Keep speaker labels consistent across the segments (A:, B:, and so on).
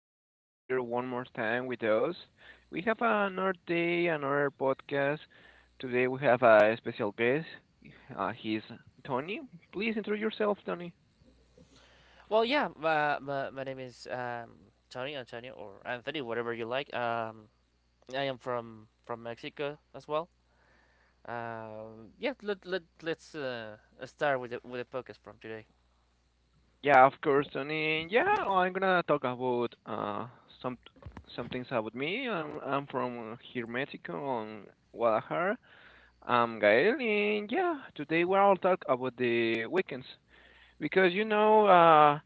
A: to be here one more time with us. We have another day, another podcast. Today we have a special guest. He's Tony. Please introduce yourself, Tony.
B: My name is Tony, Antonio, or Anthony, whatever you like. I am from Mexico as well. Yeah. Let's start with the podcast from today.
A: Yeah, of course, Tony. Yeah, I'm gonna talk about some some things about me. I'm from here, Mexico, on Guadalajara. I'm Gael, and yeah, today we'll talk about the weekends. Because you know,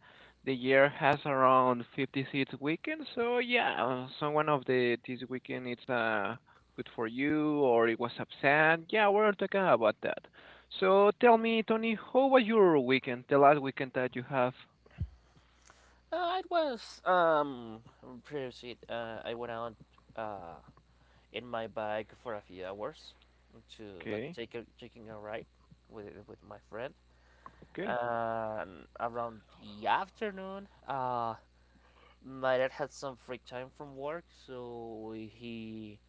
A: the year has around 56 weekends, so yeah, someone of the this weekend it's good for you or it was absent. Yeah, we are talking about that. So tell me, Tony, how was your weekend? The last weekend that you have?
B: It was previously I went out uh in my bike for a few hours to like
A: Okay,
B: take a taking a ride with my friend.
A: okay.
B: Around the afternoon, my dad had some free time from work, so he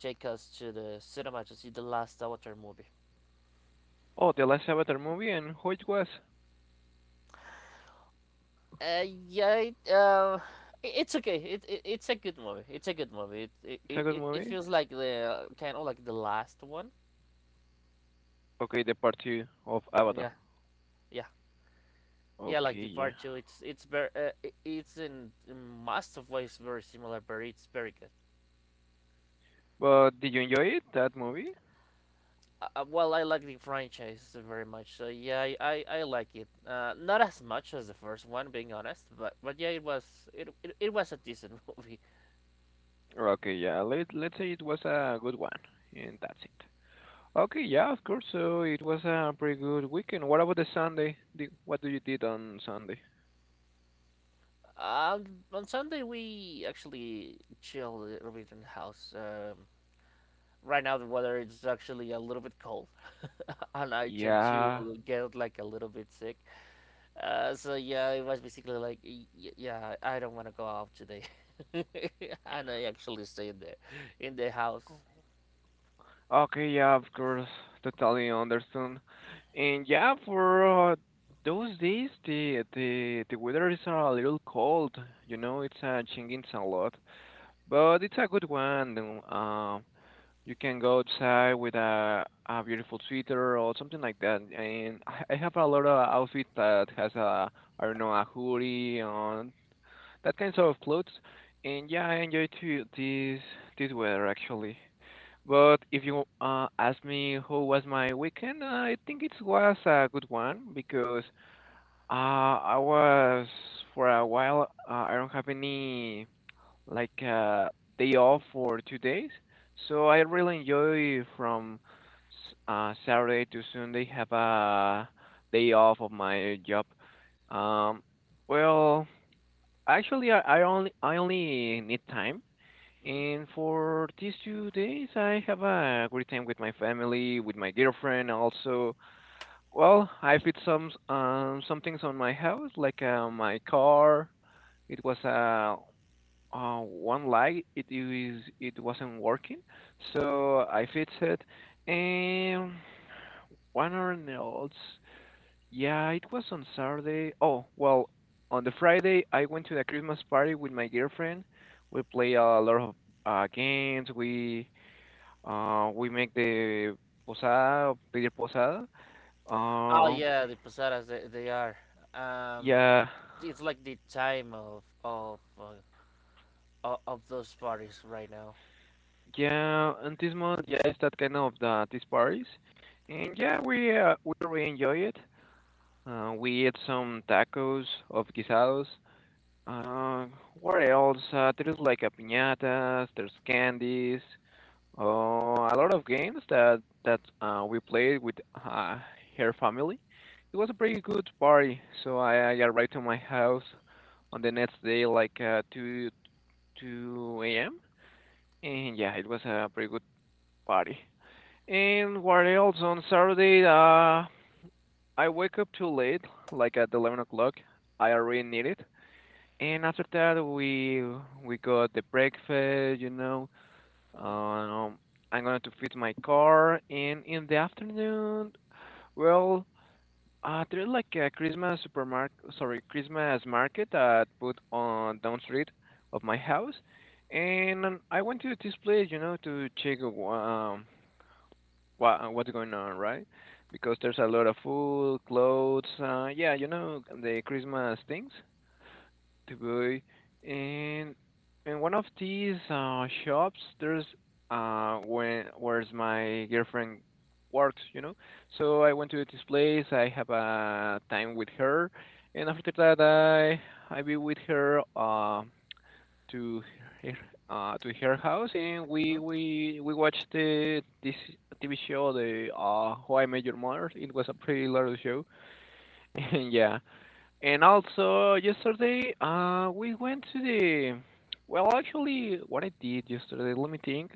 B: take us to the cinema to see the last Avatar movie.
A: Oh, the last Avatar movie and how it was?
B: Uh, yeah, it, um, it's okay. It's a good movie. It's a good movie. It
A: It's a
B: it,
A: good
B: it, it
A: movie.
B: feels like the kind of like the last one.
A: Okay, the part two of
B: Yeah,
A: Avatar.
B: yeah, yeah. Like
A: Okay, yeah.
B: Departure, it's very it's in most of ways very similar, but it's very good.
A: But did you enjoy it that movie?
B: I like the franchise very much, so yeah, I like it. Not as much as the first one, being honest, but yeah, it was a decent movie.
A: Okay, yeah. Let's say it was a good one, and that's it. Okay, yeah, of course. So it was a pretty good weekend. What about the Sunday? Did- What do you did on Sunday?
B: On Sunday we actually chilled a little bit in the house. Right now the weather is actually a little bit cold, and I tend
A: Yeah.
B: to get like a little bit sick. So yeah, it was basically like yeah, I don't want to go out today, and I actually stay in the house.
A: Okay, yeah, of course. Totally understand. And yeah, for those days, the weather is a little cold. You know, it's changing a lot, but it's a good one. Um, You can go outside with a beautiful sweater or something like that. And I have a lot of outfit that has a, I don't know, a hoodie on that kinds of clothes. And yeah, I enjoy to this weather actually. But if you ask me how was my weekend, I think it was a good one because I was for a while, I don't have any like uh, day off for 2 days. So I really enjoy from Saturday to Sunday have a day off of my job. Um, well, actually, I only need time,
B: Mhm.
A: and for these 2 days, I have a great time with my family, with my girlfriend. Also, well, I fixed some some things on my house, like my car. It was a One light it wasn't working, so I fixed it. And one or else, yeah, it was on Saturday. Oh well, on the Friday I went to the Christmas party with my girlfriend. We play a lot of games. We make the posada, pedir posada.
B: Oh
A: Uh,
B: yeah, the posadas they are. Um,
A: yeah,
B: it's like the time of those parties right now.
A: yeah. And this month, yeah, it's that kind of the, these parties. And yeah, we really enjoy it. We ate some tacos of guisados. Uh, what else? There's like a piñatas, there's candies, a lot of games that we played with her family. It was a pretty good party. So I arrived to my house on the next day, like two a.m. And yeah, it was a pretty good party. And what else on Saturday? I wake up too late, like at 11 o'clock. I already need it. And after that, we got the breakfast, you know.
B: Mhm.
A: Um, I'm going to fix my car. And in the afternoon, well, there's like a Christmas supermarket, sorry, Christmas market that put on down street of my house. And I went to this place, you know, to check what what's going on, right? Because there's a lot of food, clothes, yeah, you know, the Christmas things to buy. And in one of these shops, there's when where's my girlfriend works, you know. So I went to this place. I have a time with her, and after that, I be with her. To her, to her house, and we
B: Mhm.
A: we we watched the this TV show, the How I Met Your Mother. It was a pretty large show, and yeah. And also yesterday, we went to the. Well, actually, what I did yesterday, let me think.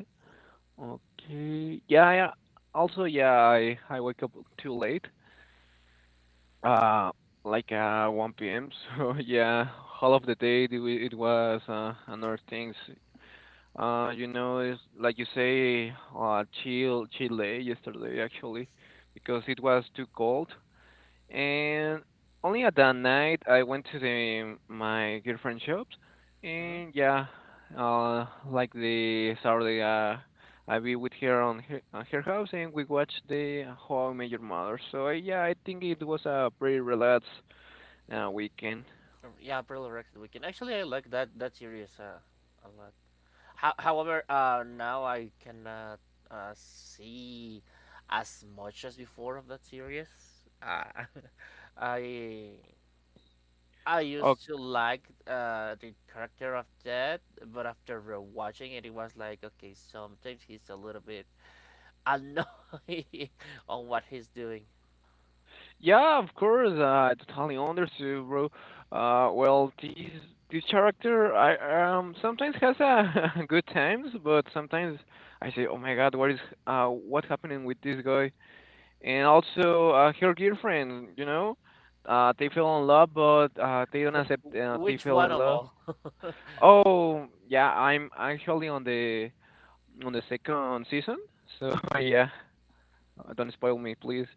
A: Okay, yeah, yeah. Also, yeah, I wake up too late. Uh, like 1 p.m. So yeah, all of the day it was another things. You know, it's like you say, chill, Chile yesterday actually, because it was too cold. And only at that night I went to the my girlfriend's shops,
B: Mhm.
A: and yeah, like the Saturday, I be with her on on her house, and we watched the How I Met Your Mother. So yeah, I think it was a pretty relaxed, weekend.
B: Yeah, Pearl Record Weekend. Actually, I like that series a lot. However, now I cannot see as much as before of that series. Uh, I I used to like the character of Dead, but after rewatching it, it was like, okay, sometimes he's a little bit annoying on what he's doing.
A: Yeah, of course. I totally understood, bro. Well, this character, I sometimes has a good times, but sometimes I say, oh my God, what is what's happening with this guy? And also, her girlfriend, you know, they fell in love, but they don't accept they
B: Which
A: fell
B: one
A: in
B: of
A: love.
B: all?
A: Oh, yeah, I'm actually on the second season, so yeah. Don't spoil me, please.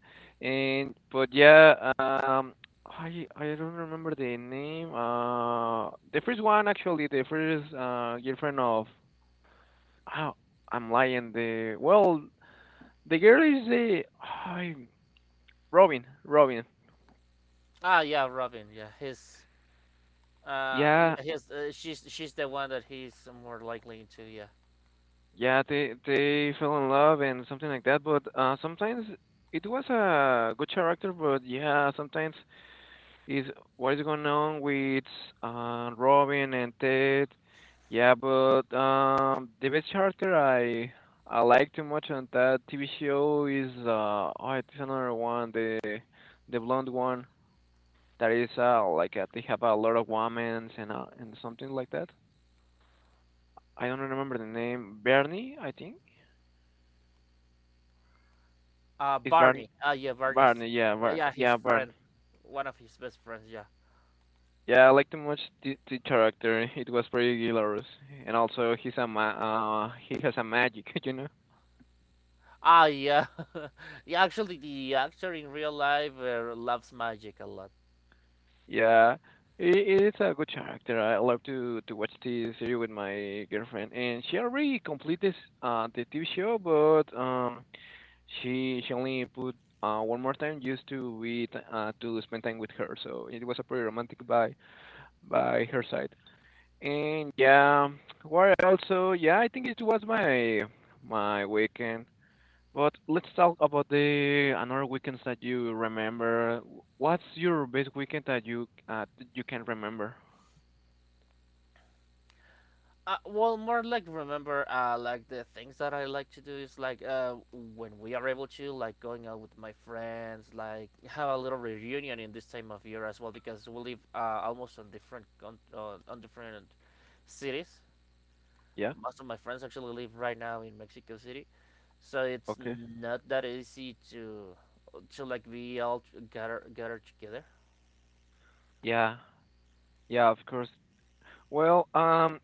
A: And but yeah, I don't remember the name. The first one actually, the first girlfriend of. Oh, I'm lying. The well, the girl is the I Robin. Robin.
B: Ah, yeah, Robin. Yeah, his.
A: Yeah,
B: She's the one that he's more likely into. Yeah.
A: yeah. They fell in love and something like that. But sometimes it was a good character. But yeah, sometimes is what is going on with Robin and Ted. Yeah, but the best character I like too much on that TV show is it's another one, the blonde one that is they have a lot of women and something like that. I don't remember the name. Bernie, I think. Is
B: Barney. Ah, yeah, Barney's
A: Barney?
B: sister.
A: Yeah,
B: Yeah, yeah, his
A: Barney.
B: friend, one of his best friends. Yeah.
A: Yeah, I liked him much the character. It was pretty hilarious, and also he has a magic, you know.
B: Ah, yeah. Yeah. Actually, the actor in real life loves magic a lot.
A: Yeah, it, it's a good character. I love to watch the series with my girlfriend, and she already completed the TV show, but she only put one more time just to spend time with her. So it was a pretty romantic by her side, and yeah, what also yeah I think it was my weekend. But let's talk about the another weekends that you remember. What's your best weekend that you can remember?
B: Well, more like remember, like the things that I like to do is like when we are able to, like going out with my friends, like have a little reunion in this time of year as well because we live almost on different cities.
A: Yeah.
B: Most of my friends actually live right now in Mexico City, so it's
A: Okay.
B: not that easy to like be all gather together.
A: Yeah, yeah, of course. Well,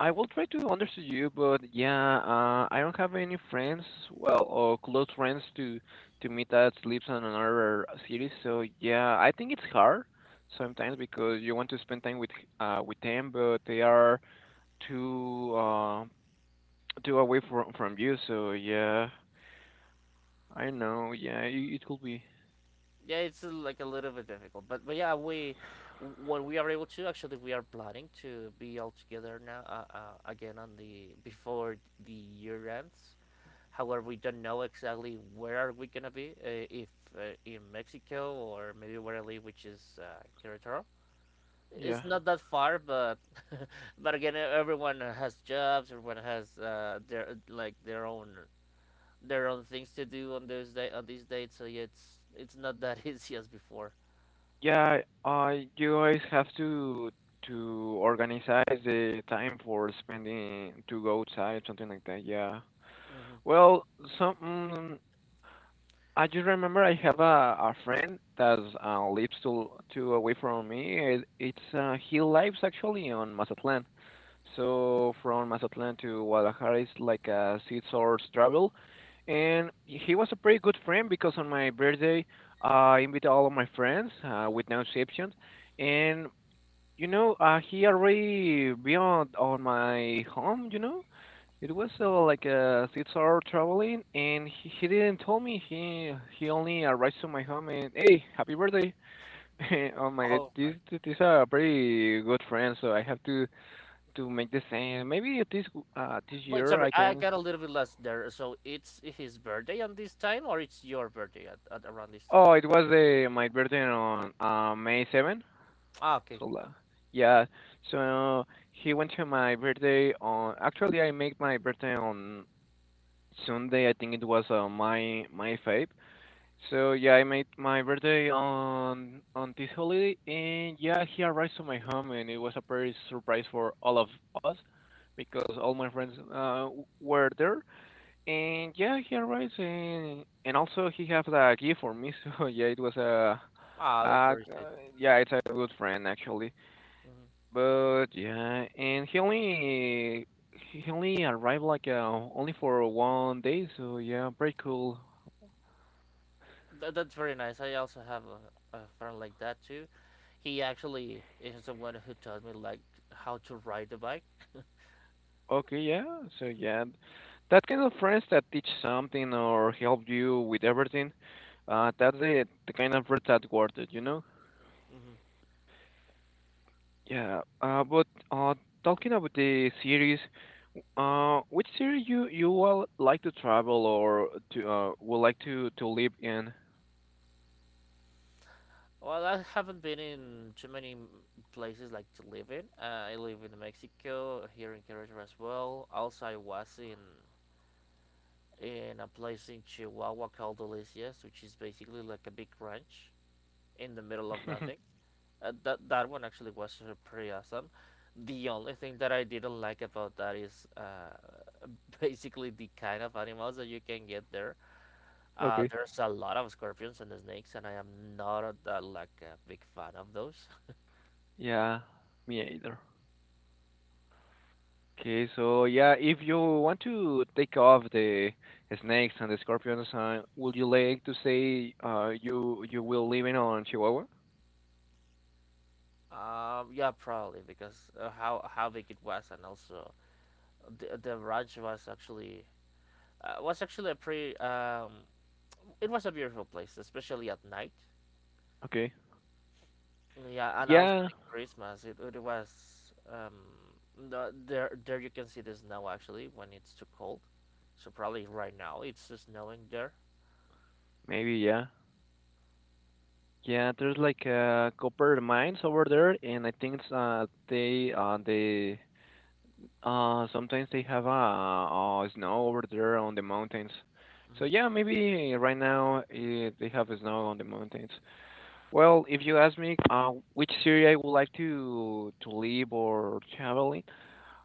A: I will try to understand you, but yeah, I don't have any friends, well, or close friends to meet that lives in another city. So yeah, I think it's hard sometimes because you want to spend time with them, but they are too uh too away from you, so yeah, I know. Yeah, it could be.
B: Yeah, it's like a little bit difficult, but yeah, we when we are able to actually we are planning to be all together now, again on the before the year ends. However, we don't know exactly where are we gonna be, if in Mexico or maybe where I live, which is Querétaro.
A: Yeah,
B: It's not that far, but but again, everyone has jobs. Everyone has their own things to do on those day on these dates. So yeah, it's not that easy as before.
A: yeah. You guys have to organize the time for spending to go outside, something like that. Yeah.
B: Mm-hmm.
A: Well, some mm, I just remember I have a friend that lives to away from me. It, it's He lives actually on Mazatlan. So from Mazatlan to Guadalajara is like a 6 hours travel. And he was a pretty good friend because on my birthday, I invited all of my friends, with no exceptions. And, you know, he already beyond on my home, you know. It was like a 6 hour traveling, and he didn't tell me. He only arrived to my home and, hey, happy birthday. Oh my god,
B: All right.
A: this is a pretty good friend, so I have to make the same. Maybe this
B: But
A: year
B: sorry,
A: I
B: I
A: can.
B: got a little bit lost there. So it's his birthday on this time, or it's your birthday at around this time?
A: Oh, it was my birthday on May 7th.
B: Ah, okay.
A: So la- yeah, so he went to my birthday on. Actually, I made my birthday on Sunday. I think it was my my fave. So yeah, I made my birthday on this holiday, and yeah, he arrived to my home, and it was a very surprise for all of us because all my friends were there. And yeah, he arrives and also he have a gift for me. So yeah, it was
B: Ah, that's
A: a
B: very
A: g-
B: sweet.
A: uh, yeah, it's a good friend actually.
B: Hmm.
A: But yeah, and he only arrived like only for one day. So yeah, pretty cool.
B: That, that's very nice. I also have a friend like that too. He actually is the one who taught me like how to ride the bike.
A: Okay, yeah. So yeah, that kind of friends that teach something or help you with everything. That's the kind of friends that worth it, you know.
B: Mm-hmm.
A: Yeah. But talking about the series. Which city you will like to travel or to would like to live in?
B: Well, I haven't been in too many places like to live in. I live in Mexico, here in Querétaro as well. Also, I was in a place in Chihuahua called Delicias, which is basically like a big ranch in the middle of nothing. That that one actually was pretty awesome. The only thing that I didn't like about that is basically the kind of animals that you can get there.
A: Okay.
B: There's a lot of scorpions and snakes, and I am not like a big fan of those.
A: Yeah, me either. Okay, so yeah, if you want to take off the snakes and the scorpions, would you like to say you you will live in on Chihuahua?
B: Yeah, probably because how big it was, and also the ranch was actually a pretty it was a beautiful place, especially at night.
A: Okay.
B: Yeah, and also
A: Yeah,
B: like Christmas, it was there there you can see the snow actually when it's too cold. So probably right now it's snowing there.
A: maybe yeah. Yeah, there's like copper mines over there, and I think they sometimes they have snow over there on the mountains. So yeah,
B: Hmm.
A: maybe right now they have snow on the mountains. Well, if you ask me, which city I would like to live or travel in,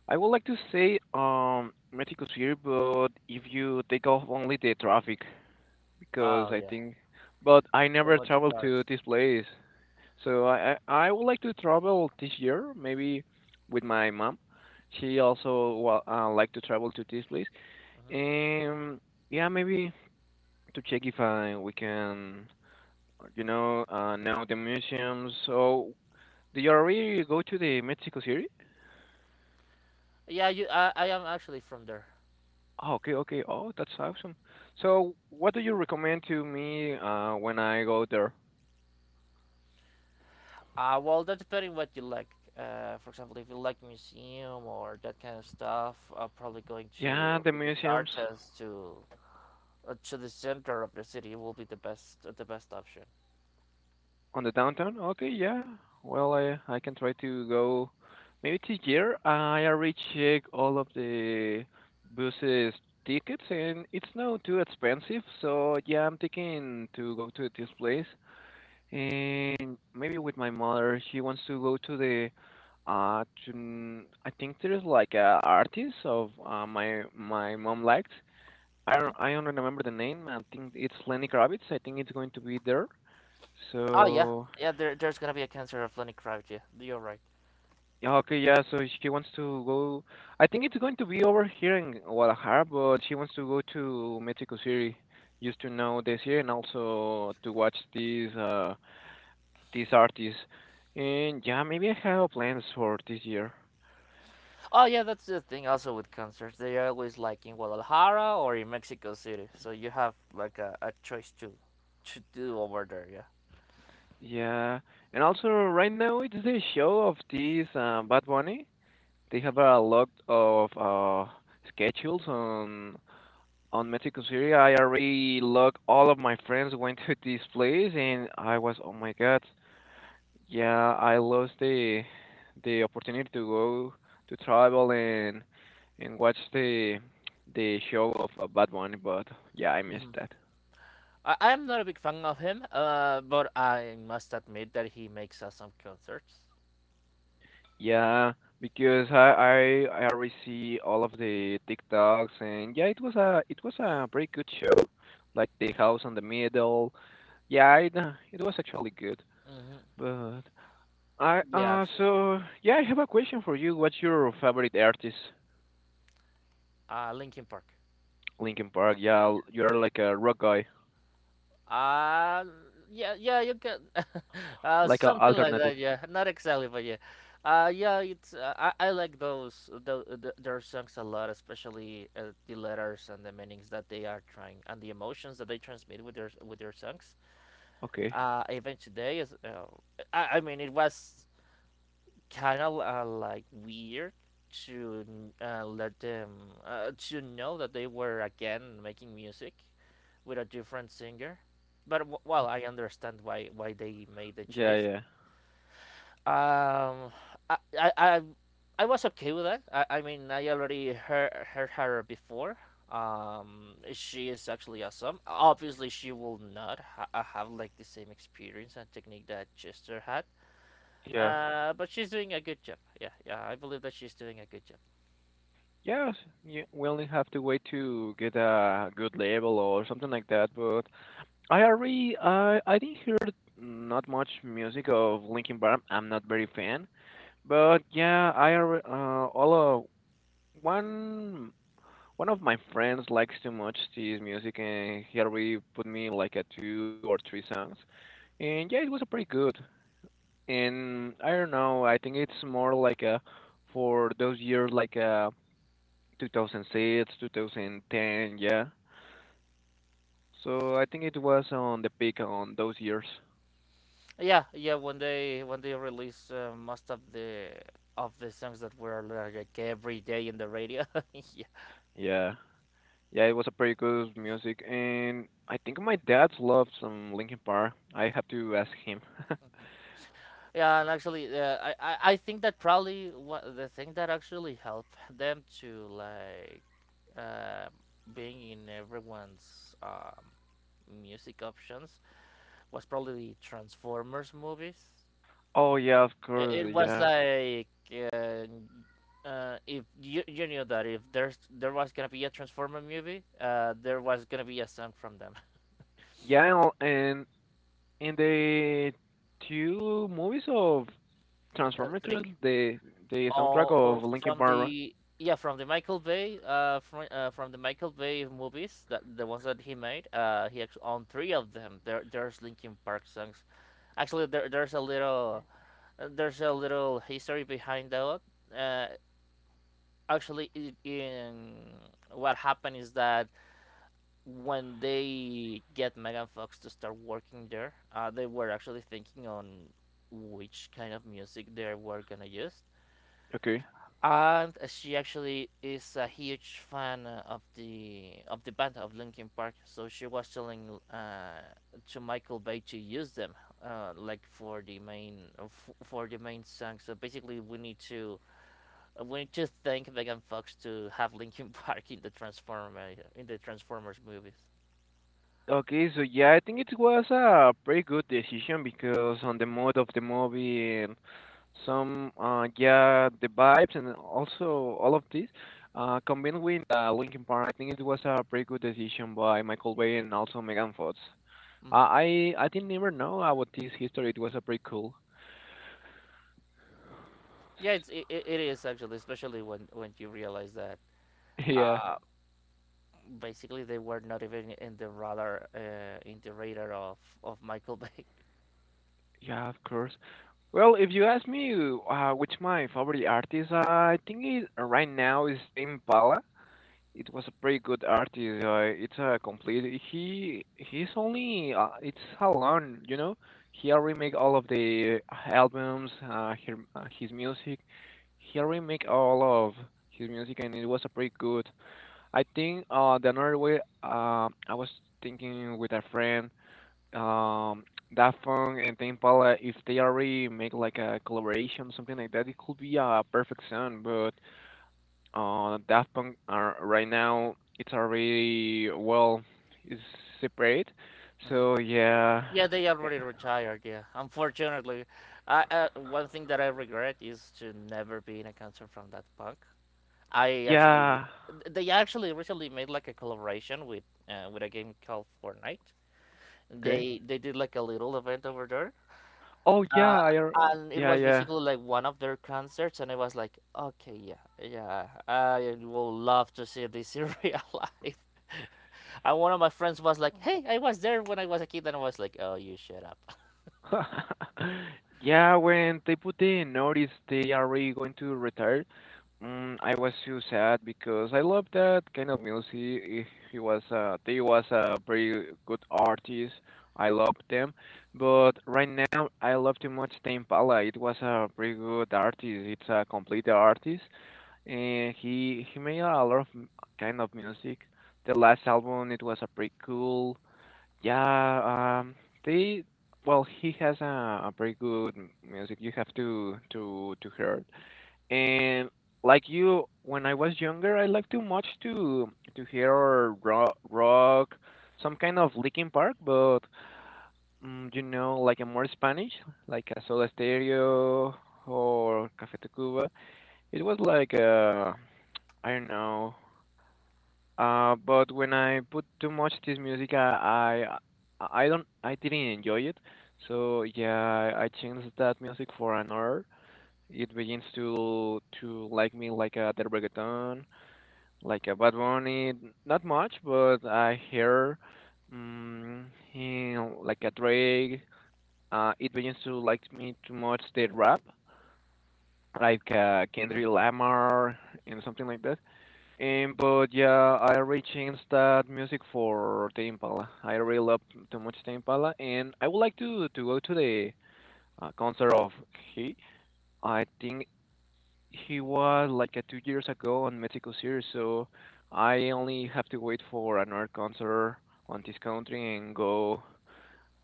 A: I would like to say Mexico City, but if you take off only the traffic, because
B: Oh
A: I
B: yeah,
A: think, but I
B: so
A: never
B: much
A: traveled to
B: cars.
A: this place. So I would like to travel this year, maybe with my mom. She also wa like to travel to this place.
B: Hmm.
A: And yeah, maybe to check if I, we can, know the museums. So do you already go to the Mexico City?
B: Yeah, you I am actually from there.
A: Oh, okay, okay. Oh, that's awesome. So what do you recommend to me when I go there?
B: Well, that depending what you like. For example, if you like museum or that kind of stuff, probably going
A: Yeah,
B: to
A: the
B: Bellas
A: museums.
B: Artes to the center of the city will be the best option.
A: On the downtown? Okay, yeah. Well, I can try to go maybe this year. I already check all of the buses tickets and it's not too expensive. So yeah, I'm thinking to go to this place and maybe with my mother. She wants to go to the I think there's like a artist of my mom liked. I don't remember the name. I think it's Lenny Kravitz. I think it's going to be there.
B: Oh yeah,
A: So
B: yeah. There's gonna be a cancer of Lenny Kravitz. Yeah, you're right.
A: yeah, okay, yeah, so she wants to go. I think it's going to be over here in Guadalajara, but she wants to go to Mexico City just to know this year and also to watch these artists. And yeah, maybe I have plans for this year.
B: Oh yeah, that's the thing. Also with concerts, they are always like in Guadalajara or in Mexico City, so you have like a choice to do over there. Yeah.
A: Yeah, and also right now it's the show of this Bad Bunny. They have a lot of schedules on Mexico City. I already look all of my friends went to this place and I was, oh my god. Yeah, I lost the opportunity to go to travel and watch the show of Bad Bunny, but yeah, I
B: Hmm.
A: missed that.
B: I am not a big fan of him, but I must admit that he makes awesome concerts.
A: Yeah, because I already all of the TikToks and yeah, it was a pretty good show, like the house on the middle. Yeah, it was actually good,
B: Hmm.
A: but I
B: Yeah, actually,
A: so yeah, I have a question for you. What's your favorite artist?
B: Linkin Park.
A: Linkin Park. Yeah, you're like a rock guy.
B: Um, yeah, yeah, you can,
A: Like a
B: something like
A: alternative.
B: that. Yeah, not exactly, but yeah, I like the their songs a lot, especially the letters and the meanings that they are trying and the emotions that they transmit with their songs.
A: Okay.
B: Even today is, I mean, it was kind of like weird to let them to know that they were again making music with a different singer. But well, I understand why they made the
A: Yeah,
B: choice.
A: yeah.
B: Um, I I I, I was okay with that. I mean, I already heard her before. She is actually awesome. Obviously, she will not ha- have like the same experience and technique that Chester had
A: Yeah.
B: but she's doing a good job. Yeah, yeah, I believe that she's doing a good job.
A: Yes, yeah, we only have to wait to get a good label or something like that. But I already, I didn't hear not much music of Linkin Park. I'm not very fan. But yeah, I alre- all of one one of my friends likes too much his music, and he already put me like a two or three songs. And yeah, it was a pretty good. And I don't know, I think it's more like a for those years 2006, 2010, yeah. So I think it was on the peak on those years.
B: Yeah, yeah. When they release most of the songs that were like every day in the radio. Yeah.
A: Yeah. Yeah, it was a pretty good music and I think my dad loves some Linkin Park. I have to ask him.
B: Mhm. Yeah. And actually, I think that probably what the thing that actually helped them to like uh, being in everyone's music options was probably the Transformers movies.
A: Oh yeah, of course,
B: It was
A: yeah.
B: like uh, if you knew that if there was gonna be a Transformer movie, there was gonna be a song from them.
A: Yeah, and in the two movies of Transformers,
B: Three.
A: the the soundtrack of
B: All
A: Linkin
B: from
A: Park, right?
B: the yeah from the Michael Bay from the Michael Bay movies that the ones that he made he actually on three of them there's Linkin Park songs actually there's a little history behind that uh actually in what happened is that when they get Megan Fox to start working there, they were actually thinking on which kind of music they were gonna use.
A: Okay.
B: And she actually is a huge fan of the band of Linkin Park, so she was telling to Michael Bay to use them, like for for the main song. So basically, we need to thank Megan Fox to have Linkin Park in the Transformers movies.
A: Okay, so yeah, I think it was a pretty good decision because on the mood of the movie and some yeah the vibes and also all of this combined with Linkin Park, I think it was a pretty good decision by Michael Bay and also Megan Fox. Uh,
B: Hmm.
A: I I didn't even know about this history. It was a pretty cool.
B: Yeah, it it is actually, especially when you realize that
A: Yeah,
B: uh basically they were not even in the radar of Michael Bay.
A: yeah, of course. Well, if you ask me, which my favorite artist, I think right now is Tame Impala. It was a pretty good artist. It's a complete. He's only it's alone, you know. He already make all of the albums, his music. He already make all of his music, and it was a pretty good. I think the another way I was thinking with a friend um Daft Punk and Tame Impala, if they already make like a collaboration something like that, it could be a perfect song, but Daft Punk are right now, it's already, well, it's separate.
B: Hmm.
A: So yeah,
B: Yeah, they already retired. Yeah, unfortunately, I one thing that I regret is to never be in a concert from that punk. I actually,
A: yeah.
B: they actually recently made like a collaboration with a game called Fortnite.
A: Okay.
B: They did like a little event over there.
A: Oh
B: Uh,
A: yeah, I al-
B: and it
A: yeah,
B: was
A: yeah.
B: basically like one of their concerts, and I was like, okay, yeah, yeah, I will love to see this in real life. And one of my friends was like, hey, I was there when I was a kid, and I was like, oh, you shut up.
A: Yeah, when they put the notice they are really going to retire, I was so sad because I love that kind of music. He was they was a very good artist. I loved them, but right now I love too much Tame Impala. It was a pretty good artist. It's a complete artist, and he made a lot of m- kind of music. The last album it was a pretty cool. Yeah, they, well, he has a, very good music. You have to hear it. And like you, when I was younger, I liked too much to hear some kind of Linkin Park, but you know, like a more Spanish, like a Soda Stereo or Café Tacuba. It was like I don't know. But when I put too much this music, I didn't enjoy it. So yeah, I changed that music for another. It begins to like me like a the reggaeton, like a Bad Bunny. Not much, but I hear mm him like a Drake. It begins to like me too much the rap, like Kendrick Lamar and something like that. But yeah, I rechanged that music for the Impala. I really love too much the Impala, and I would like to go to the concert of he. I think he was like 2 years ago on Mexico City, so I only have to wait for another concert on this country and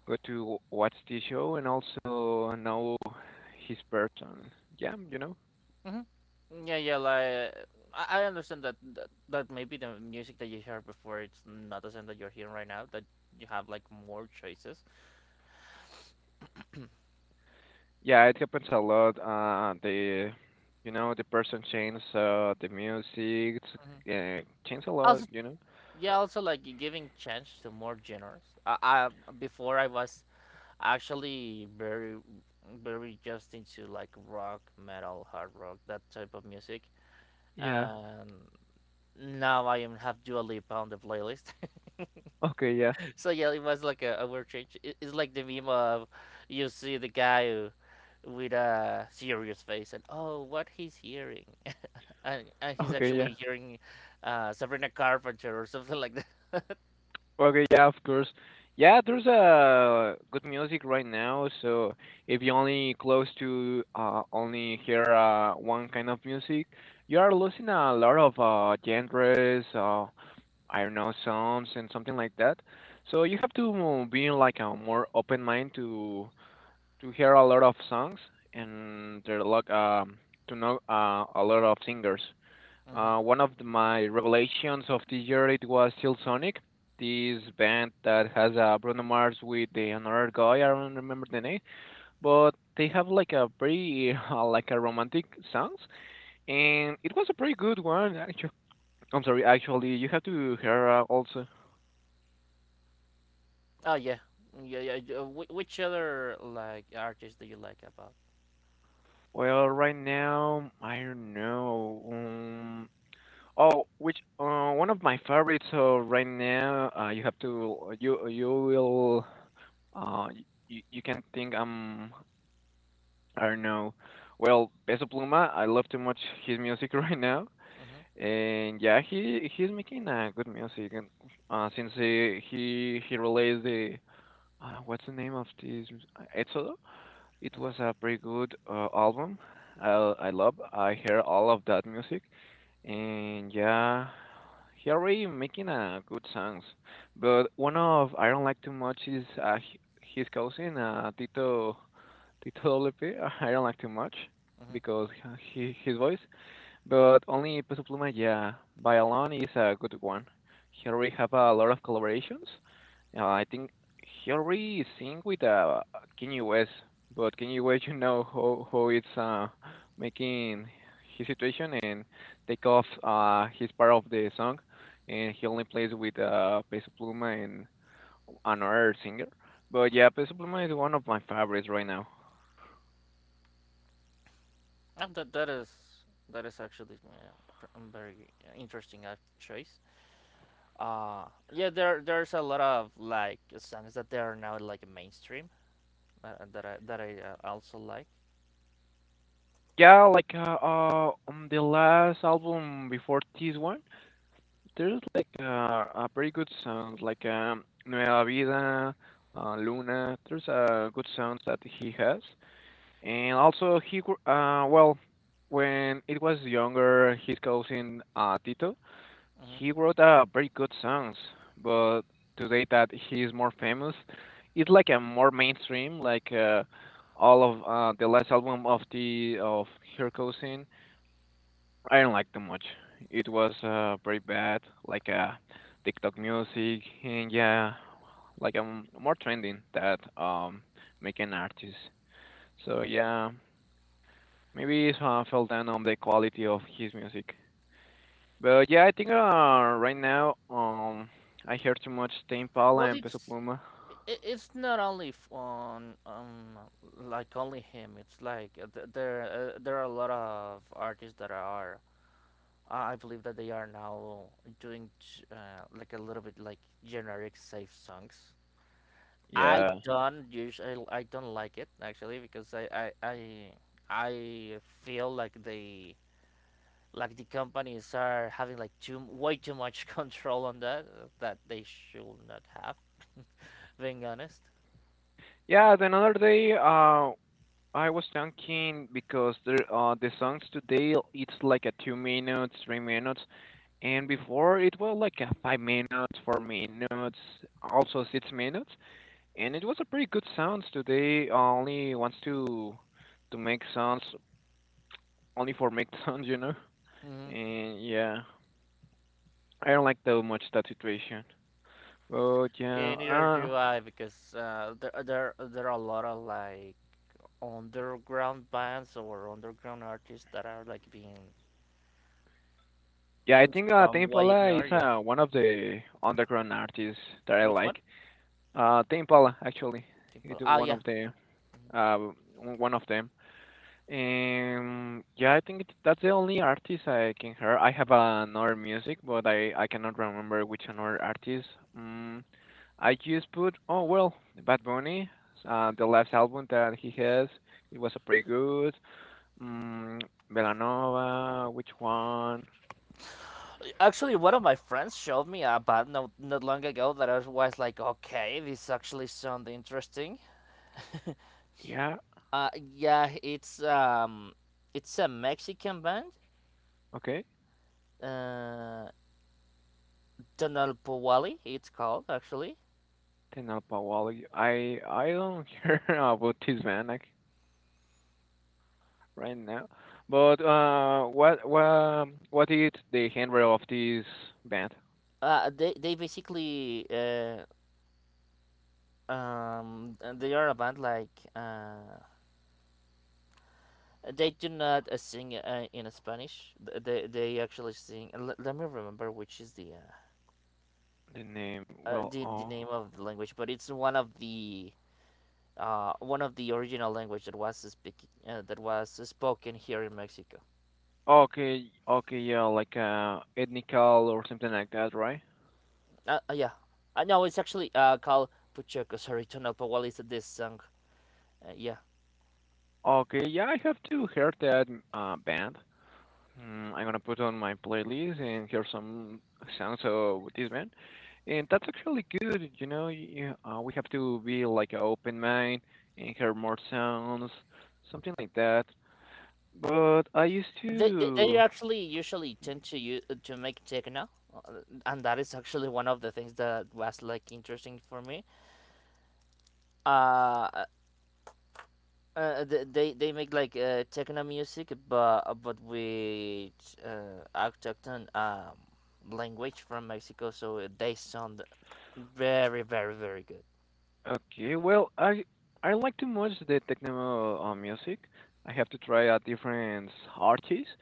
A: go to watch the show and also know his person. Yeah, you know.
B: Mm-hmm. Yeah, yeah, like I understand that, that maybe the music that you heard before it's not the same that you're hearing right now. That you have like more choices.
A: Yeah, it happens a lot. The you know the person changes the music,
B: Hmm.
A: uh, changes a lot.
B: Also,
A: You know.
B: yeah, also like giving chance to more genres. I before I was Actually, very just into like rock, metal, hard rock, that type of music.
A: Yeah.
B: And now I am have Dua Lipa on the playlist.
A: Okay, yeah.
B: So yeah, it was like a word change. It's like the meme of, you see the guy who, with a serious face and oh, what he's hearing, and he's
A: Okay, yeah.
B: actually hearing Sabrina Carpenter or something like that.
A: Okay, yeah, of course. Yeah, there's good music right now. So if you only close to only hear one kind of music, you are losing a lot of genres. I don't know, songs and something like that. So you have to be like a more open mind to hear a lot of songs and there are like to know a lot of singers.
B: Hmm.
A: One of my revelations of this year it was Sonic, this band that has Bruno Mars with the another guy. I don't remember the name, but they have like a pretty like a romantic songs, and it was a pretty good one. Actually, I'm sorry. Actually, you have to hear also.
B: Oh yeah, yeah, yeah, yeah. Which other like artists do you like about?
A: Well, right now I don't know. Oh, which one of my favorites right now? You have to you will uh you can think I don't know. Well, Peso Pluma, I love too much his music right now,
B: Hmm.
A: and yeah, he's making good music. And since he released the what's the name of this? Exodo? It
B: Hmm.
A: was a pretty good album. I I love. I hear all of that music, and yeah, he already making good songs. But one of I don't like too much is his cousin Tito Lepe. I don't like too much
B: Hmm.
A: because he, his voice. But only Peso Pluma, yeah. By Alone is a good one. He already have a lot of collaborations. I think he already sing with Kanye West, but Kanye West, you know how it's making his situation and take off his part of the song, and he only plays with Peso Pluma and another singer. But yeah, Peso Pluma is one of my favorites right now.
B: And that is actually very interesting choice. Uh, yeah, there's a lot of like songs that they are now like mainstream, that I also like.
A: Yeah, like on the last album before this one. There's like a pretty good sound, like Nueva Vida, Luna. There's a good sounds that he has, and also well, when it was younger, his cousin Tito, he
B: Hmm.
A: wrote very good songs. But today that he is more famous, it's like a more mainstream, like all of the last album of the of her cousin I didn't like too much. It was very bad, like TikTok music, and yeah, like more trending that making artists. So yeah, maybe it fell down on the quality of his music. But yeah, I think right now I hear too much Tame Impala
B: Well,
A: and Peso
B: it's
A: Pluma.
B: i- it's not only on like only him. It's like there are a lot of artists that are. I believe that they are now doing like a little bit like generic safe songs. I
A: Yeah,
B: don't usually I don't like it actually because I feel like they, like the companies are having like too way too much control on that, that they should not have. Being honest.
A: yeah. I was thinking because the songs today it's like a 2 minutes, 3 minutes, and before it was like a 5 minutes, 4 minutes, also 6 minutes, and it was a pretty good sounds today. Only wants to make sounds only for make sounds,
B: Mm-hmm.
A: And yeah, I don't like that much that situation. But
B: Yeah, neither do I because there are a lot of like underground bands or underground artists that are like being
A: yeah, I
B: in
A: think Tame
B: some way
A: Impala is
B: ignored. Yeah.
A: one of the underground artists that I
B: Which one?
A: like. The Impala, actually,
B: Simple.
A: it
B: Ah,
A: one
B: yeah.
A: of the uh, one of them. And yeah, I think that's the only artist I can hear. I have another music, but I cannot remember which another artist. Mm, I just put oh well, Bad Bunny, the last album that he has, it was a pretty good. Mm, Belanova, which one?
B: Actually, one of my friends showed me a band not long ago that I was like, okay, this actually sounds interesting.
A: Yeah,
B: Yeah, it's a Mexican band,
A: okay.
B: uh, Tonalpohualli, it's called actually.
A: Tenalpa Wally. I don't hear about this man right now. But uh, what what is the genre of this band?
B: They basically, they are a band like, they do not sing in Spanish. They actually sing. Let me remember which is
A: The name? Well,
B: the
A: oh,
B: name of the language, but it's one of the, one of the original language that was speak that was spoken here in Mexico.
A: okay, okay, yeah, like ethnical or something like that, right?
B: Yeah, no, it's actually called Pucheco. Sorry, Tonopah. Well, this song. Yeah,
A: Okay, yeah, I have to hear that band. I'm gonna put on my playlist and hear some songs of this band, and that's actually good. We have to be like an open mind and hear more sounds, something like that. But I used
B: they
A: to.
B: actually usually tend to to make techno, uh, and that is actually one of the things that was like interesting for me. Uh, they make like, techno music, but with autochthon, language from Mexico, so they sound very very very good.
A: Okay, well, I like too much the techno music. I have to try out different artists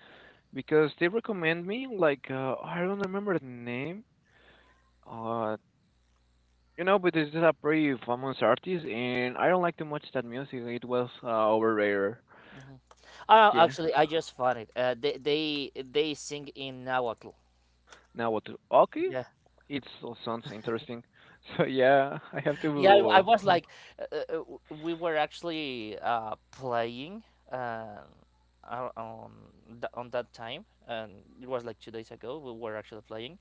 A: because they recommend me. Like I don't remember the name. Uh, but this is a pretty famous artist, and I don't like too much that music. It was overrated.
B: Hmm. Oh,
A: Yeah.
B: actually, I just found it. They sing in Nahuatl.
A: Now what? Okay,
B: Yeah,
A: it sounds interesting. So yeah, I have
B: yeah. I
A: to.
B: was like, we were actually playing, uh, on on on that time, and it was like 2 days ago. We were actually playing.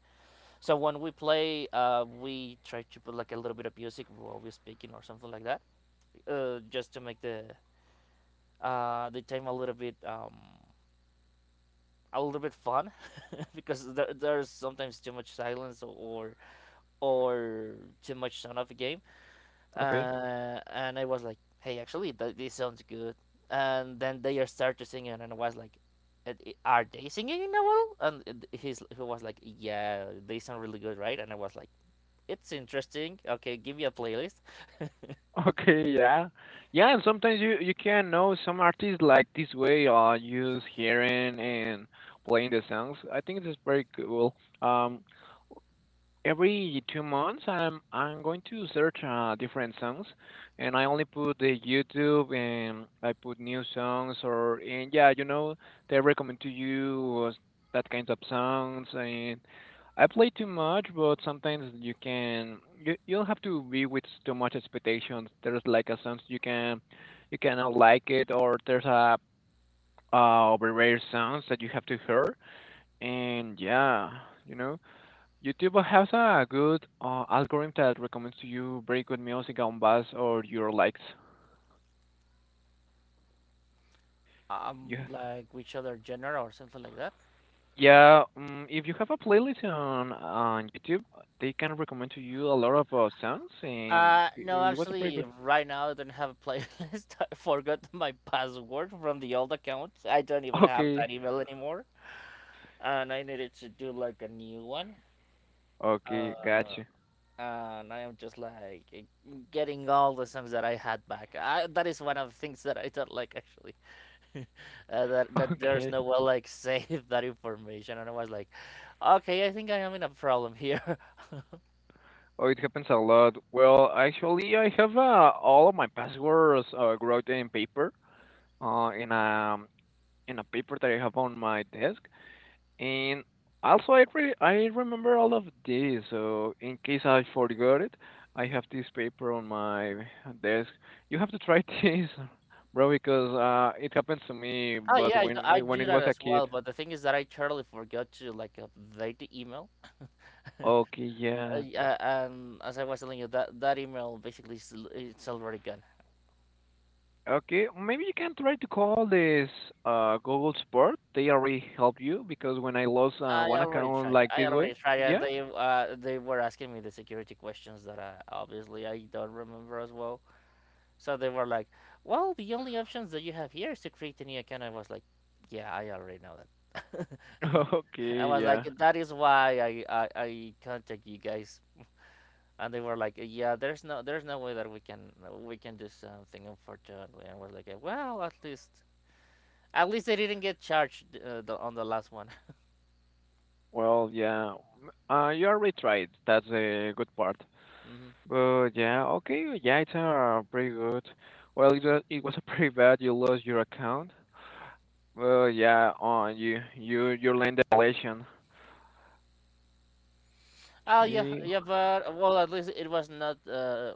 B: So when we play, we try to put like a little bit of music while we're speaking or something like that, just to make the, the time a little bit, a little bit fun, because there's sometimes too much silence or too much sound of a game.
A: Okay.
B: And I was like, hey, actually, this sounds good. And then they are start to sing it, and I was like, Are they singing in a while?" And he was like, yeah, they sound really good, right? And I was like, it's interesting. Okay, give me a playlist.
A: Okay, yeah. Yeah, and sometimes you can know some artists like this way use hearing and playing the songs. I think it's very cool. Um every 2 months I'm going to search different songs, and I only put the YouTube and I put new songs. Or and Yeah, you know, they recommend to you that kinds of songs, and I play too much. But sometimes you can, you don't have to be with too much expectations. There's like a songs you can, you cannot like it, or there's a very rare songs that you have to hear. And yeah, you know, YouTube has a good algorithm that recommends to you very good music on buzz or your likes. Yeah.
B: Like which other genre or something like that.
A: Yeah, if you have a playlist on YouTube, they can recommend to you a lot of songs, and
B: No,
A: it was a pretty
B: actually,
A: good.
B: right now I don't have a playlist. I forgot my password from the old account. I don't even have
A: Okay,
B: that email anymore, and I needed to do like a new one.
A: okay,
B: Uh,
A: gotcha.
B: and I am just like, getting all the songs that I had back. That is one of the things that I don't like actually. uh, that that there's
A: Okay.
B: no way like save that information. And I was like, okay, I think I am in a problem here.
A: Oh, it happens a lot. Well, actually, I have all of my passwords wrote in paper, uh, in a in a paper that I have on my desk. And also, I remember all of this. So in case I forgot it, I have this paper on my desk. You have to try this, bro, because it happens to me.
B: Oh
A: But
B: yeah, I, do I
A: when
B: do
A: it
B: that
A: was a
B: as
A: kid,
B: well. But the thing is that I totally forgot to like update the email.
A: okay, yeah,
B: Yeah, and as I was telling you, that email basically it's already gone.
A: okay, maybe you can try to call this Google Support. They already help you because when I lost
B: I
A: one
B: already
A: account
B: tried.
A: like
B: I
A: this way,
B: already tried, and
A: yeah,
B: they were asking me the security questions that, obviously I don't remember as well. So they were like, "Well, the only options that you have here is to create a new account." I was like, "Yeah, I already know that." I
A: okay,
B: was
A: yeah,
B: like, "That is why I contact you guys." And they were like, "Yeah, there's no way that we can do something." Unfortunately, I was like, Well, at least they didn't get charged, on the last one."
A: well, yeah, m- you already tried. That's a good part.
B: Hmm.
A: But yeah, okay, yeah, it's pretty good. Well, it was pretty bad. You lost your account. Well, yeah, on you you land a relation.
B: Oh yeah,
A: Okay,
B: yeah, but well, at least it was not, uh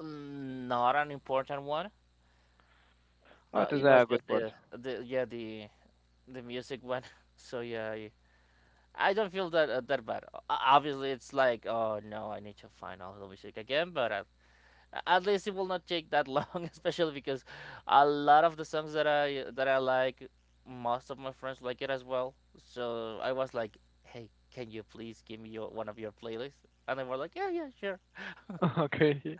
B: mm, not an important one.
A: oh, that's
B: It
A: a
B: was just
A: good part.
B: the yeah the music one. So yeah, I don't feel that, that bad. Obviously, it's like oh no, I need to find all the music again, but, at least it will not take that long, especially because a lot of the songs that I like, most of my friends like it as well. So I was like, hey, can you please give me your, one of your playlists? And they were like, yeah, yeah, sure.
A: Okay.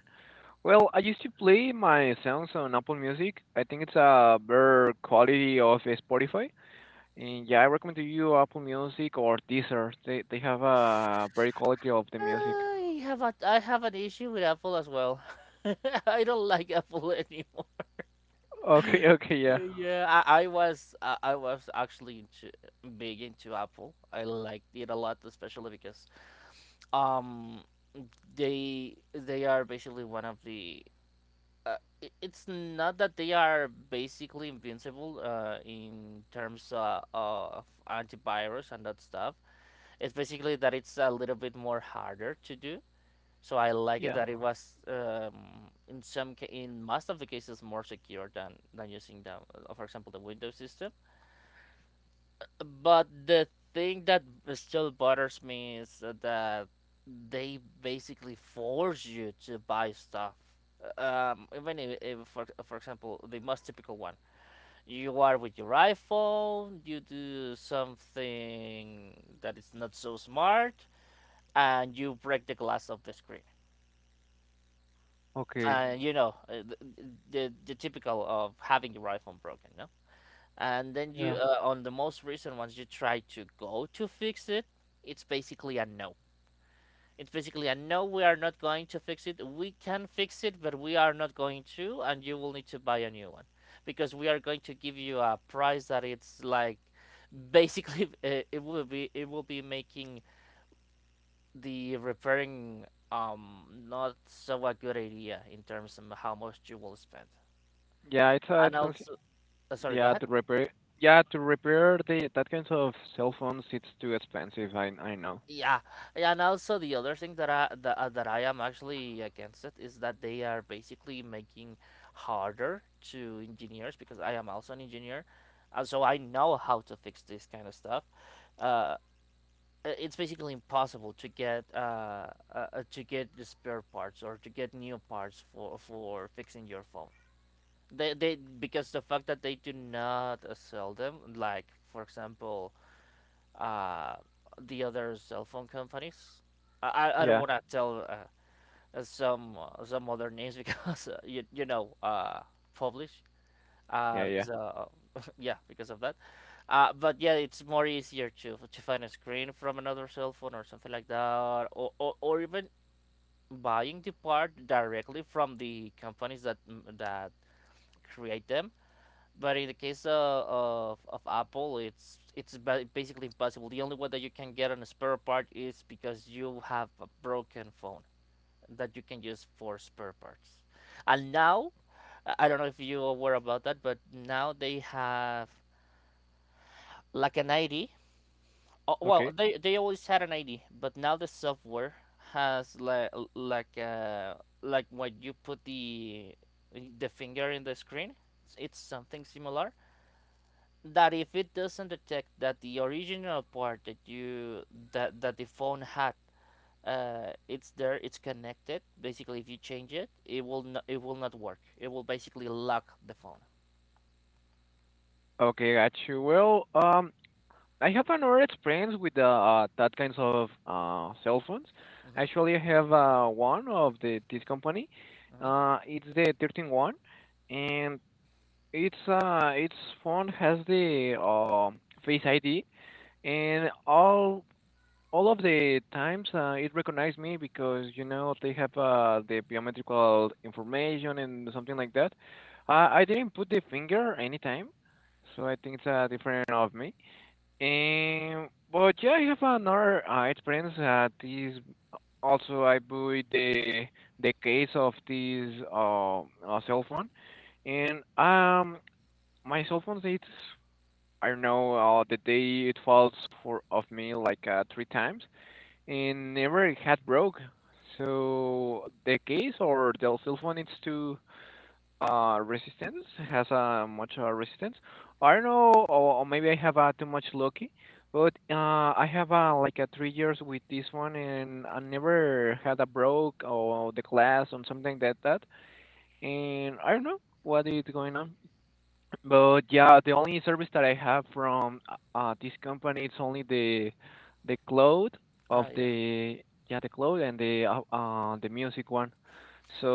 A: Well, I used to play my songs on Apple Music. I think it's a better quality of Spotify. And yeah, I recommend to you Apple Music or Deezer. They have a very quality of the music.
B: I have an issue with Apple as well. I don't like Apple anymore.
A: Okay, okay, yeah,
B: Yeah, I was actually into, big into Apple. I liked it a lot, especially because, um they are basically one of the, uh, it's not that they are basically invincible, in terms, of antivirus and that stuff. It's basically that it's a little bit more harder to do. So I like it
A: yeah,
B: that it was, in most of the cases more secure than using the, for example the Windows system. But the thing that still bothers me is that they basically force you to buy stuff. Even if, for example, the most typical one, you are with your iPhone, you do something that is not so smart, and you break the glass of the screen.
A: okay,
B: And you know, the typical of having your iPhone broken, no? And then, you
A: yeah.
B: on the most recent ones you try to go to fix it. It's basically a no. It's basically a no, we are not going to fix it. We can fix it, but we are not going to, and you will need to buy a new one because we are going to give you a price that it's like, basically, it will be making the repairing, not so a good idea in terms of how much you will spend.
A: Yeah, it's
B: And
A: expensive.
B: also, sorry, go
A: Yeah,
B: ahead.
A: to repair. Yeah, to repair the that kinds of cell phones, it's too expensive. I know.
B: Yeah, yeah, and also the other thing that I am actually against it is that they are basically making harder to engineers because I am also an engineer, so I know how to fix this kind of stuff. Uh, it's basically impossible to get, to get the spare parts or to get new parts for fixing your phone. They Because the fact that they do not, sell them, like for example, uh, the other cell phone companies. I don't
A: Yeah,
B: want to tell, some other names because, publish,
A: yeah, yeah.
B: because, yeah because of that. But yeah, it's more easier to find a screen from another cell phone or something like that, or, or even buying the part directly from the companies that, that create them. But in the case, of Apple, it's basically impossible. The only way that you can get on a spare part is because you have a broken phone that you can use for spare parts. And now, I don't know if you are aware about that, but now they have like an ID. Oh, well,
A: Okay,
B: they always had an ID, but now the software has like when you put the finger in the screen. It's something similar that if it doesn't detect that the original part that you that that the phone had, it's there, it's connected. Basically if you change it, it will not work. It will basically lock the phone.
A: okay, got you. Well, I have another experience with the that kinds of cell phones.
B: Mm-hmm.
A: Actually, I have one of the this company.
B: Mm-hmm.
A: It's the 13 one, and it's its phone has the Face ID, and all of the times it recognized me because you know they have the biometrical information and something like that. I didn't put the finger anytime, so I think it's different of me. And but yeah, I have another experience. This also I bought the case of this cell phone, and my cell phone it's I don't know the day it falls for of me like three times, and never it had broke. So the case or the cell phone needs to resistance has a much resistance. I don't know, or maybe I have too much lucky, but I have like a 3 years with this one, and I never had a broke or the glass or something like that. And I don't know what is going on. But yeah, the only service that I have from this company it's only the cloud of
B: Ah, yeah.
A: the yeah the cloud and the music one.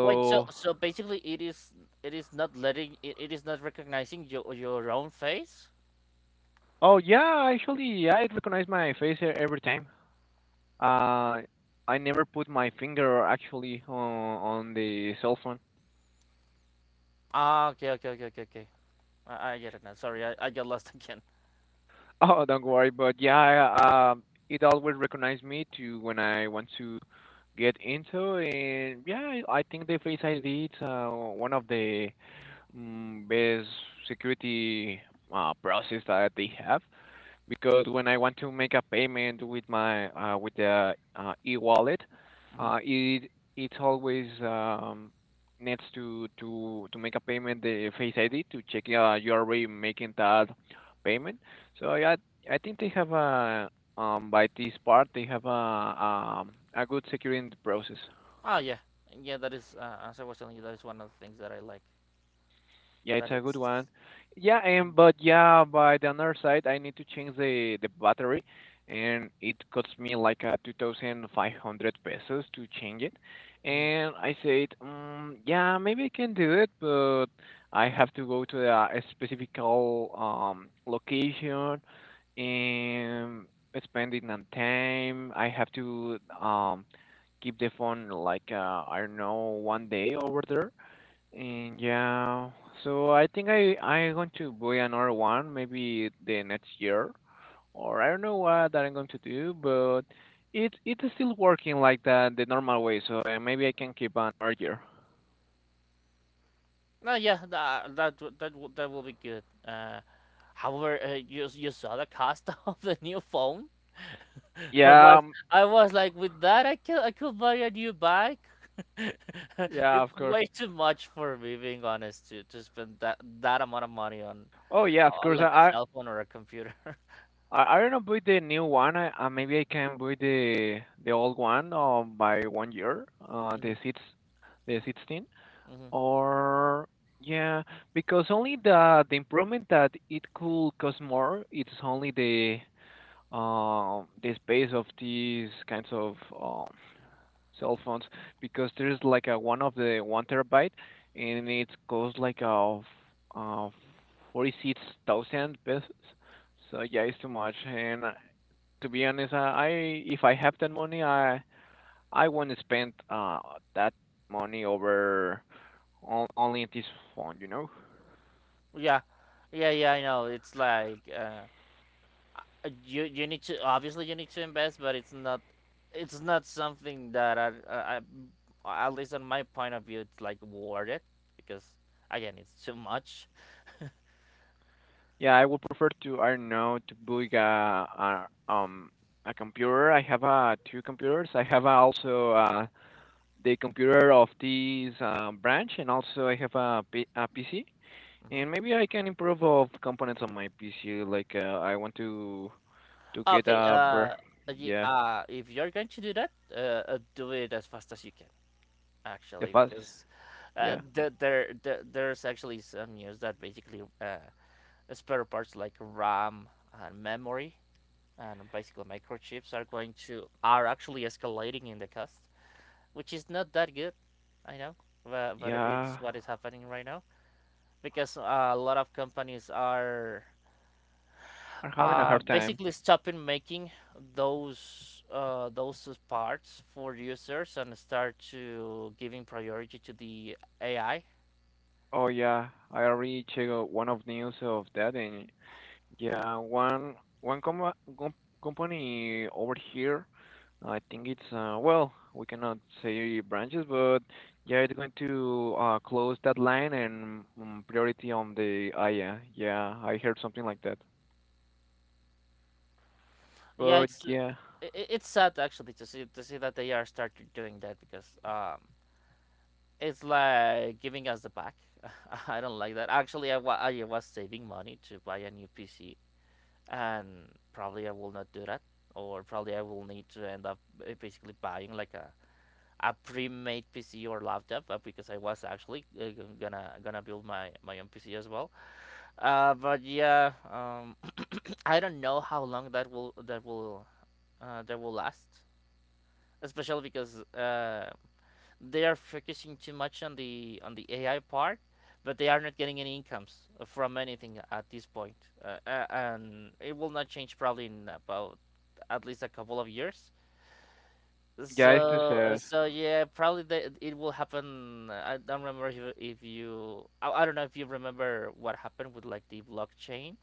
B: Wait, so so basically it is not recognizing your own face.
A: oh yeah, actually yeah, I recognize my face every time. Uh, I never put my finger actually on the cell phone.
B: Ah, okay, okay, okay, okay, okay. I get it now. Sorry, I got lost again.
A: Oh, don't worry. But yeah, it always recognizes me to when I want to get into, and yeah, I think the Face ID is one of the best security process that they have because when I want to make a payment with my with the e-wallet,
B: Mm-hmm.
A: it it always needs to make a payment the Face ID to check you are already making that payment. So yeah, I think they have a by this part they have a good security process.
B: Ah, yeah, yeah, that is, as I was telling you, that is one of the things that I like
A: Yeah, it's
B: that
A: a good
B: it's...
A: one. Yeah, and but yeah, by the other side, I need to change the battery, and it costs me like a 2,500 pesos to change it.
B: Mhm.
A: And I said, mm, yeah, maybe I can do it, but I have to go to a specific location and spending on time. I have to keep the phone like I don't know one day over there. And yeah, so I think I'm going to buy another one maybe the next year, or I don't know what that I'm going to do, but it it's still working like that the normal way, so maybe I can keep on earlier.
B: No, yeah, that will be good. However, you saw the cost of the new phone. I
A: Yeah,
B: was I was like, with that, I could buy a new bike.
A: yeah, of
B: It's
A: course.
B: way too much for me, being honest, to spend that amount of money
A: Oh yeah, of
B: on
A: course.
B: like a
A: I
B: cell phone or a computer.
A: I I don't know buy the new one. Maybe I can buy the old one by 1 year.
B: hmm
A: The 16.
B: hmm
A: Or yeah, because only the improvement that it could cost more, it's only the space of these kinds of cell phones, because there's like a one of the one terabyte, and it costs like a uh 46,000 pesos. So yeah, it's too much. And to be honest, I if I have that money, I won't spend that money over only at this phone, you know?
B: Yeah, yeah, yeah. I know. It's like you need to obviously you need to invest, but it's not something that at least on my point of view it's like worth it because again it's too much.
A: Yeah, I would prefer to, I don't know, to build a computer. I have two computers. I have also the computer of this branch, and also I have a PC. And
B: hmm
A: maybe I can improve of components on my PC. Like I want to get
B: Okay,
A: a
B: yeah,
A: yeah,
B: if you're going to do that, do it as fast as you can
A: the
B: actually
A: fast
B: because
A: yeah
B: there's actually some news that basically spare parts like RAM and memory and basically microchips are going to are actually escalating in the cost, which is not that good, I know, but it's
A: yeah.
B: what is happening right now because a lot of companies are
A: I'm having a hard time.
B: basically stopping making those parts for users and start to giving priority to the AI.
A: Oh yeah, I already checked out one of news of that, and yeah, one one com com company over here. I think it's well, we cannot say branches, but yeah, it's going to close that line and mm, priority on the Aya. Yeah, yeah, I heard something like that.
B: Yeah,
A: But
B: it's
A: yeah,
B: it's sad actually to see that they are start doing that because it's like giving us the back. I don't like that. Actually, I was saving money to buy a new PC, and probably I will not do that, or probably I will need to end up basically buying like a pre-made PC or laptop because I was actually gonna build my own PC as well. But yeah, I don't know how long that will last, especially because they are focusing too much on the AI part. But they are not getting any incomes from anything at this point, uh, uh, and it will not change probably in about at least a couple of years.
A: yeah, it's too
B: So
A: sad.
B: so yeah, probably the, it will happen. I don't remember if you I don't know if you remember what happened with like the blockchain.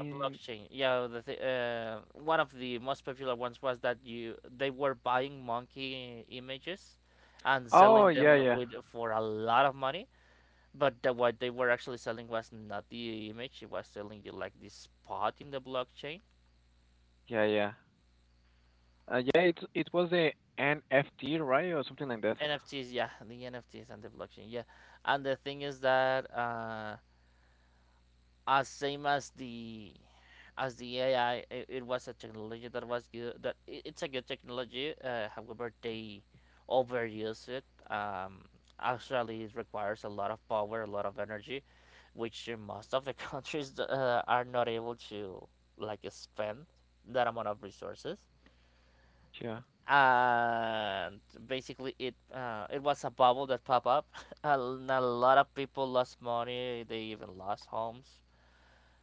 B: A blockchain, yeah. One of the most popular ones was that you they were buying monkey images and
A: Oh
B: selling
A: yeah,
B: them
A: yeah,
B: with for a lot of money. But the, what they were actually selling was not the image; it was selling you like this spot in the blockchain.
A: yeah, yeah. Yeah, it it was the NFT, right, or something like that.
B: NFTs, yeah, the NFTs and the blockchain, yeah. And the thing is that as same as the AI, it was a technology that was good. That it's a good technology. However, they overuse it. Um, Actually, it requires a lot of power, a lot of energy, which most of the countries are not able to like spend that amount of resources.
A: Yeah,
B: And basically it was a bubble that popped up. A lot of people lost money, they even lost homes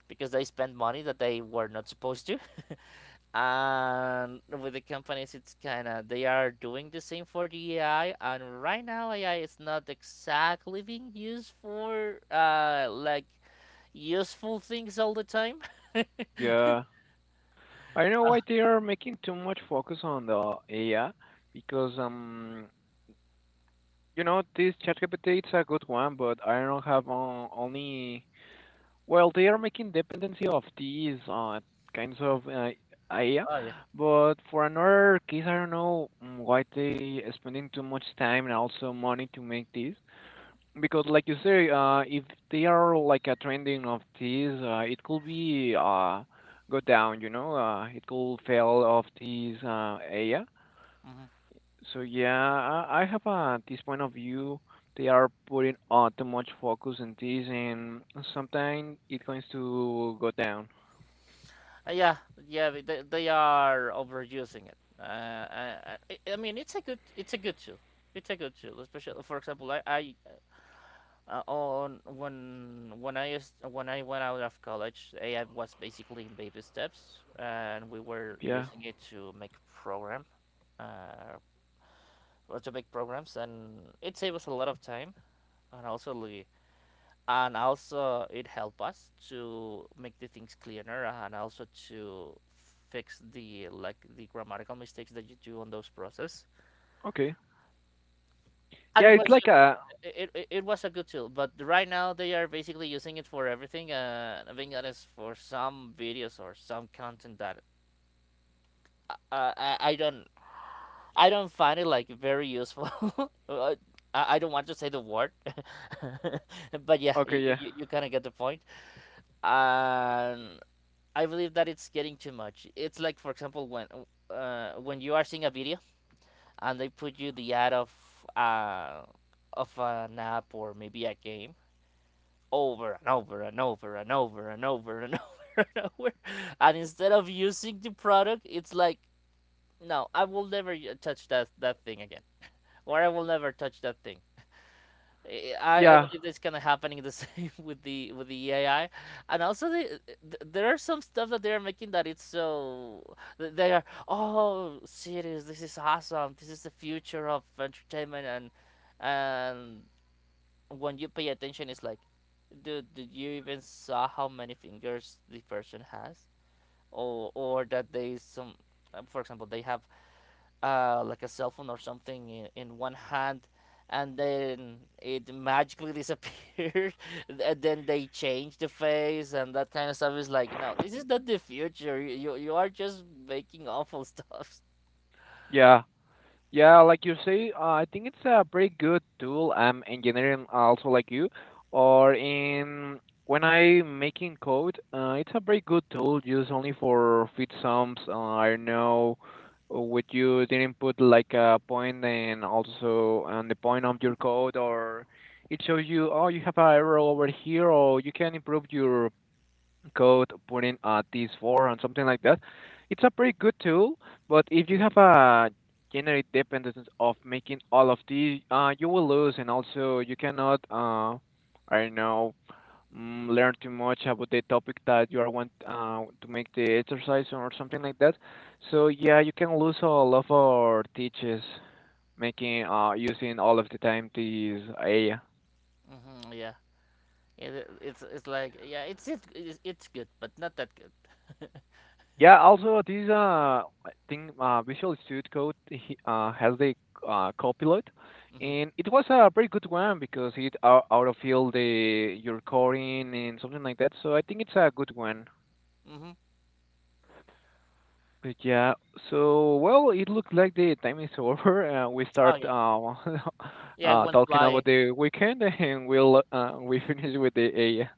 B: because they spent money that they were not supposed to. And with the companies it's kind of they are doing the same for the ai, and right now ai is not exactly being used for like useful things all the time.
A: yeah. I don't know why
B: Ah,
A: they are making too much focus on the AI because you know this ChatGPT it's a good one, but I don't have only well they are making dependency of these kinds of AI,
B: oh yeah.
A: but for another case I don't know why they spending too much time and also money to make this, because, like you say, if they are like a trending of these, it could be go down, you know, it could fail of these area.
B: Mm-hmm.
A: So yeah, I have this point of view. They are putting too much focus on this, and sometimes it going to go down.
B: Yeah, yeah, they are overusing it. I mean, it's a good tool. It's a good tool, especially for example, I on when I used, when I went out of college, AI was basically in baby steps, and we were
A: Yeah.
B: using it to make program, uh, to make programs, and it saved us a lot of time, and also and also it helped us to make the things cleaner and also to fix the like the grammatical mistakes that you do on those process.
A: Okay.
B: And
A: Yeah,
B: it
A: it's
B: was
A: like
B: just
A: a
B: it was a good tool, but right now they are basically using it for everything, and being honest for some videos or some content that uh, I, I don't I don't find it like very useful. Uh, I don't want to say the word. But yeah,
A: okay. Yeah.
B: you kind of get the point. And I believe that it's getting too much. It's like, for example, when you are seeing a video and they put you the ad uh, of an app or maybe a game over and over and over and over and over and over and over, and instead of using the product, it's like, no, I will never touch that thing again, or I will never touch that thing. I
A: Yeah.
B: believe that's kind of happening the same with the EAI, and also there are some stuff that they are making that it's so they are, oh serious, this is awesome, this is the future of entertainment. And and when you pay attention it's like, dude, did you even saw how many fingers the person has, or that they some for example they have like a cell phone or something in one hand, and then it magically disappeared and then they changed the face, and that kind of stuff is like, no, this is not the future, you are just making awful stuff.
A: Yeah. Yeah, like you say, I think it's a pretty good tool. I'm engineering also like you, or in when I making code, it's a very good tool used only for fit sums. I don't know what you didn't put like a point and also on the point of your code, or it shows you oh you have an error over here, or you can improve your code, putting this for and something like that. It's a pretty good tool, but if you have a generate dependence of making all of these, you will lose, and also you cannot, I don't know, learn too much about the topic that you are want to make the exercise or something like that. So yeah, you can lose all of our teachers making using all of the time these AI.
B: Yeah, it, it's like yeah it's it's good but not that good.
A: Yeah, also this I think Visual Studio Code has the copilot,
B: hmm
A: and it was a very good one because it out autofill the your coding and something like that. So I think it's a good one.
B: hmm
A: But yeah, so well it looks like the time is over and we
B: oh
A: start
B: yeah. Yeah, it went
A: talking
B: flying.
A: about the weekend and we finish with the AI.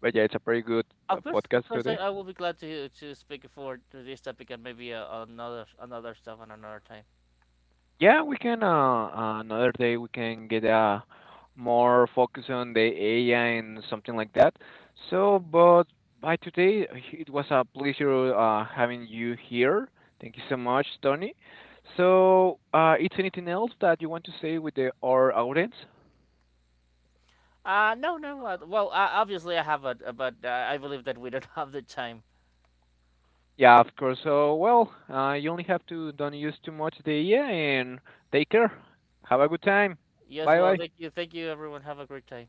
A: But yeah, it's a pretty good
B: Of course, of
A: podcast
B: course,
A: today.
B: I will be glad to speak for to this topic, and maybe another another stuff on another time.
A: Yeah, we can. Another day we can get more focus on the AI and something like that. So, but by today, it was a pleasure having you here. Thank you so much, Tony. So, is anything else that you want to say with the our audience?
B: No, no. Well, obviously I have it, but I believe that we don't have the time.
A: Yeah, of course. So, well, you only have to don't use too much the AI and take care. Have a good time.
B: Yes,
A: Bye
B: well,
A: bye.
B: thank you, everyone. Have a great time.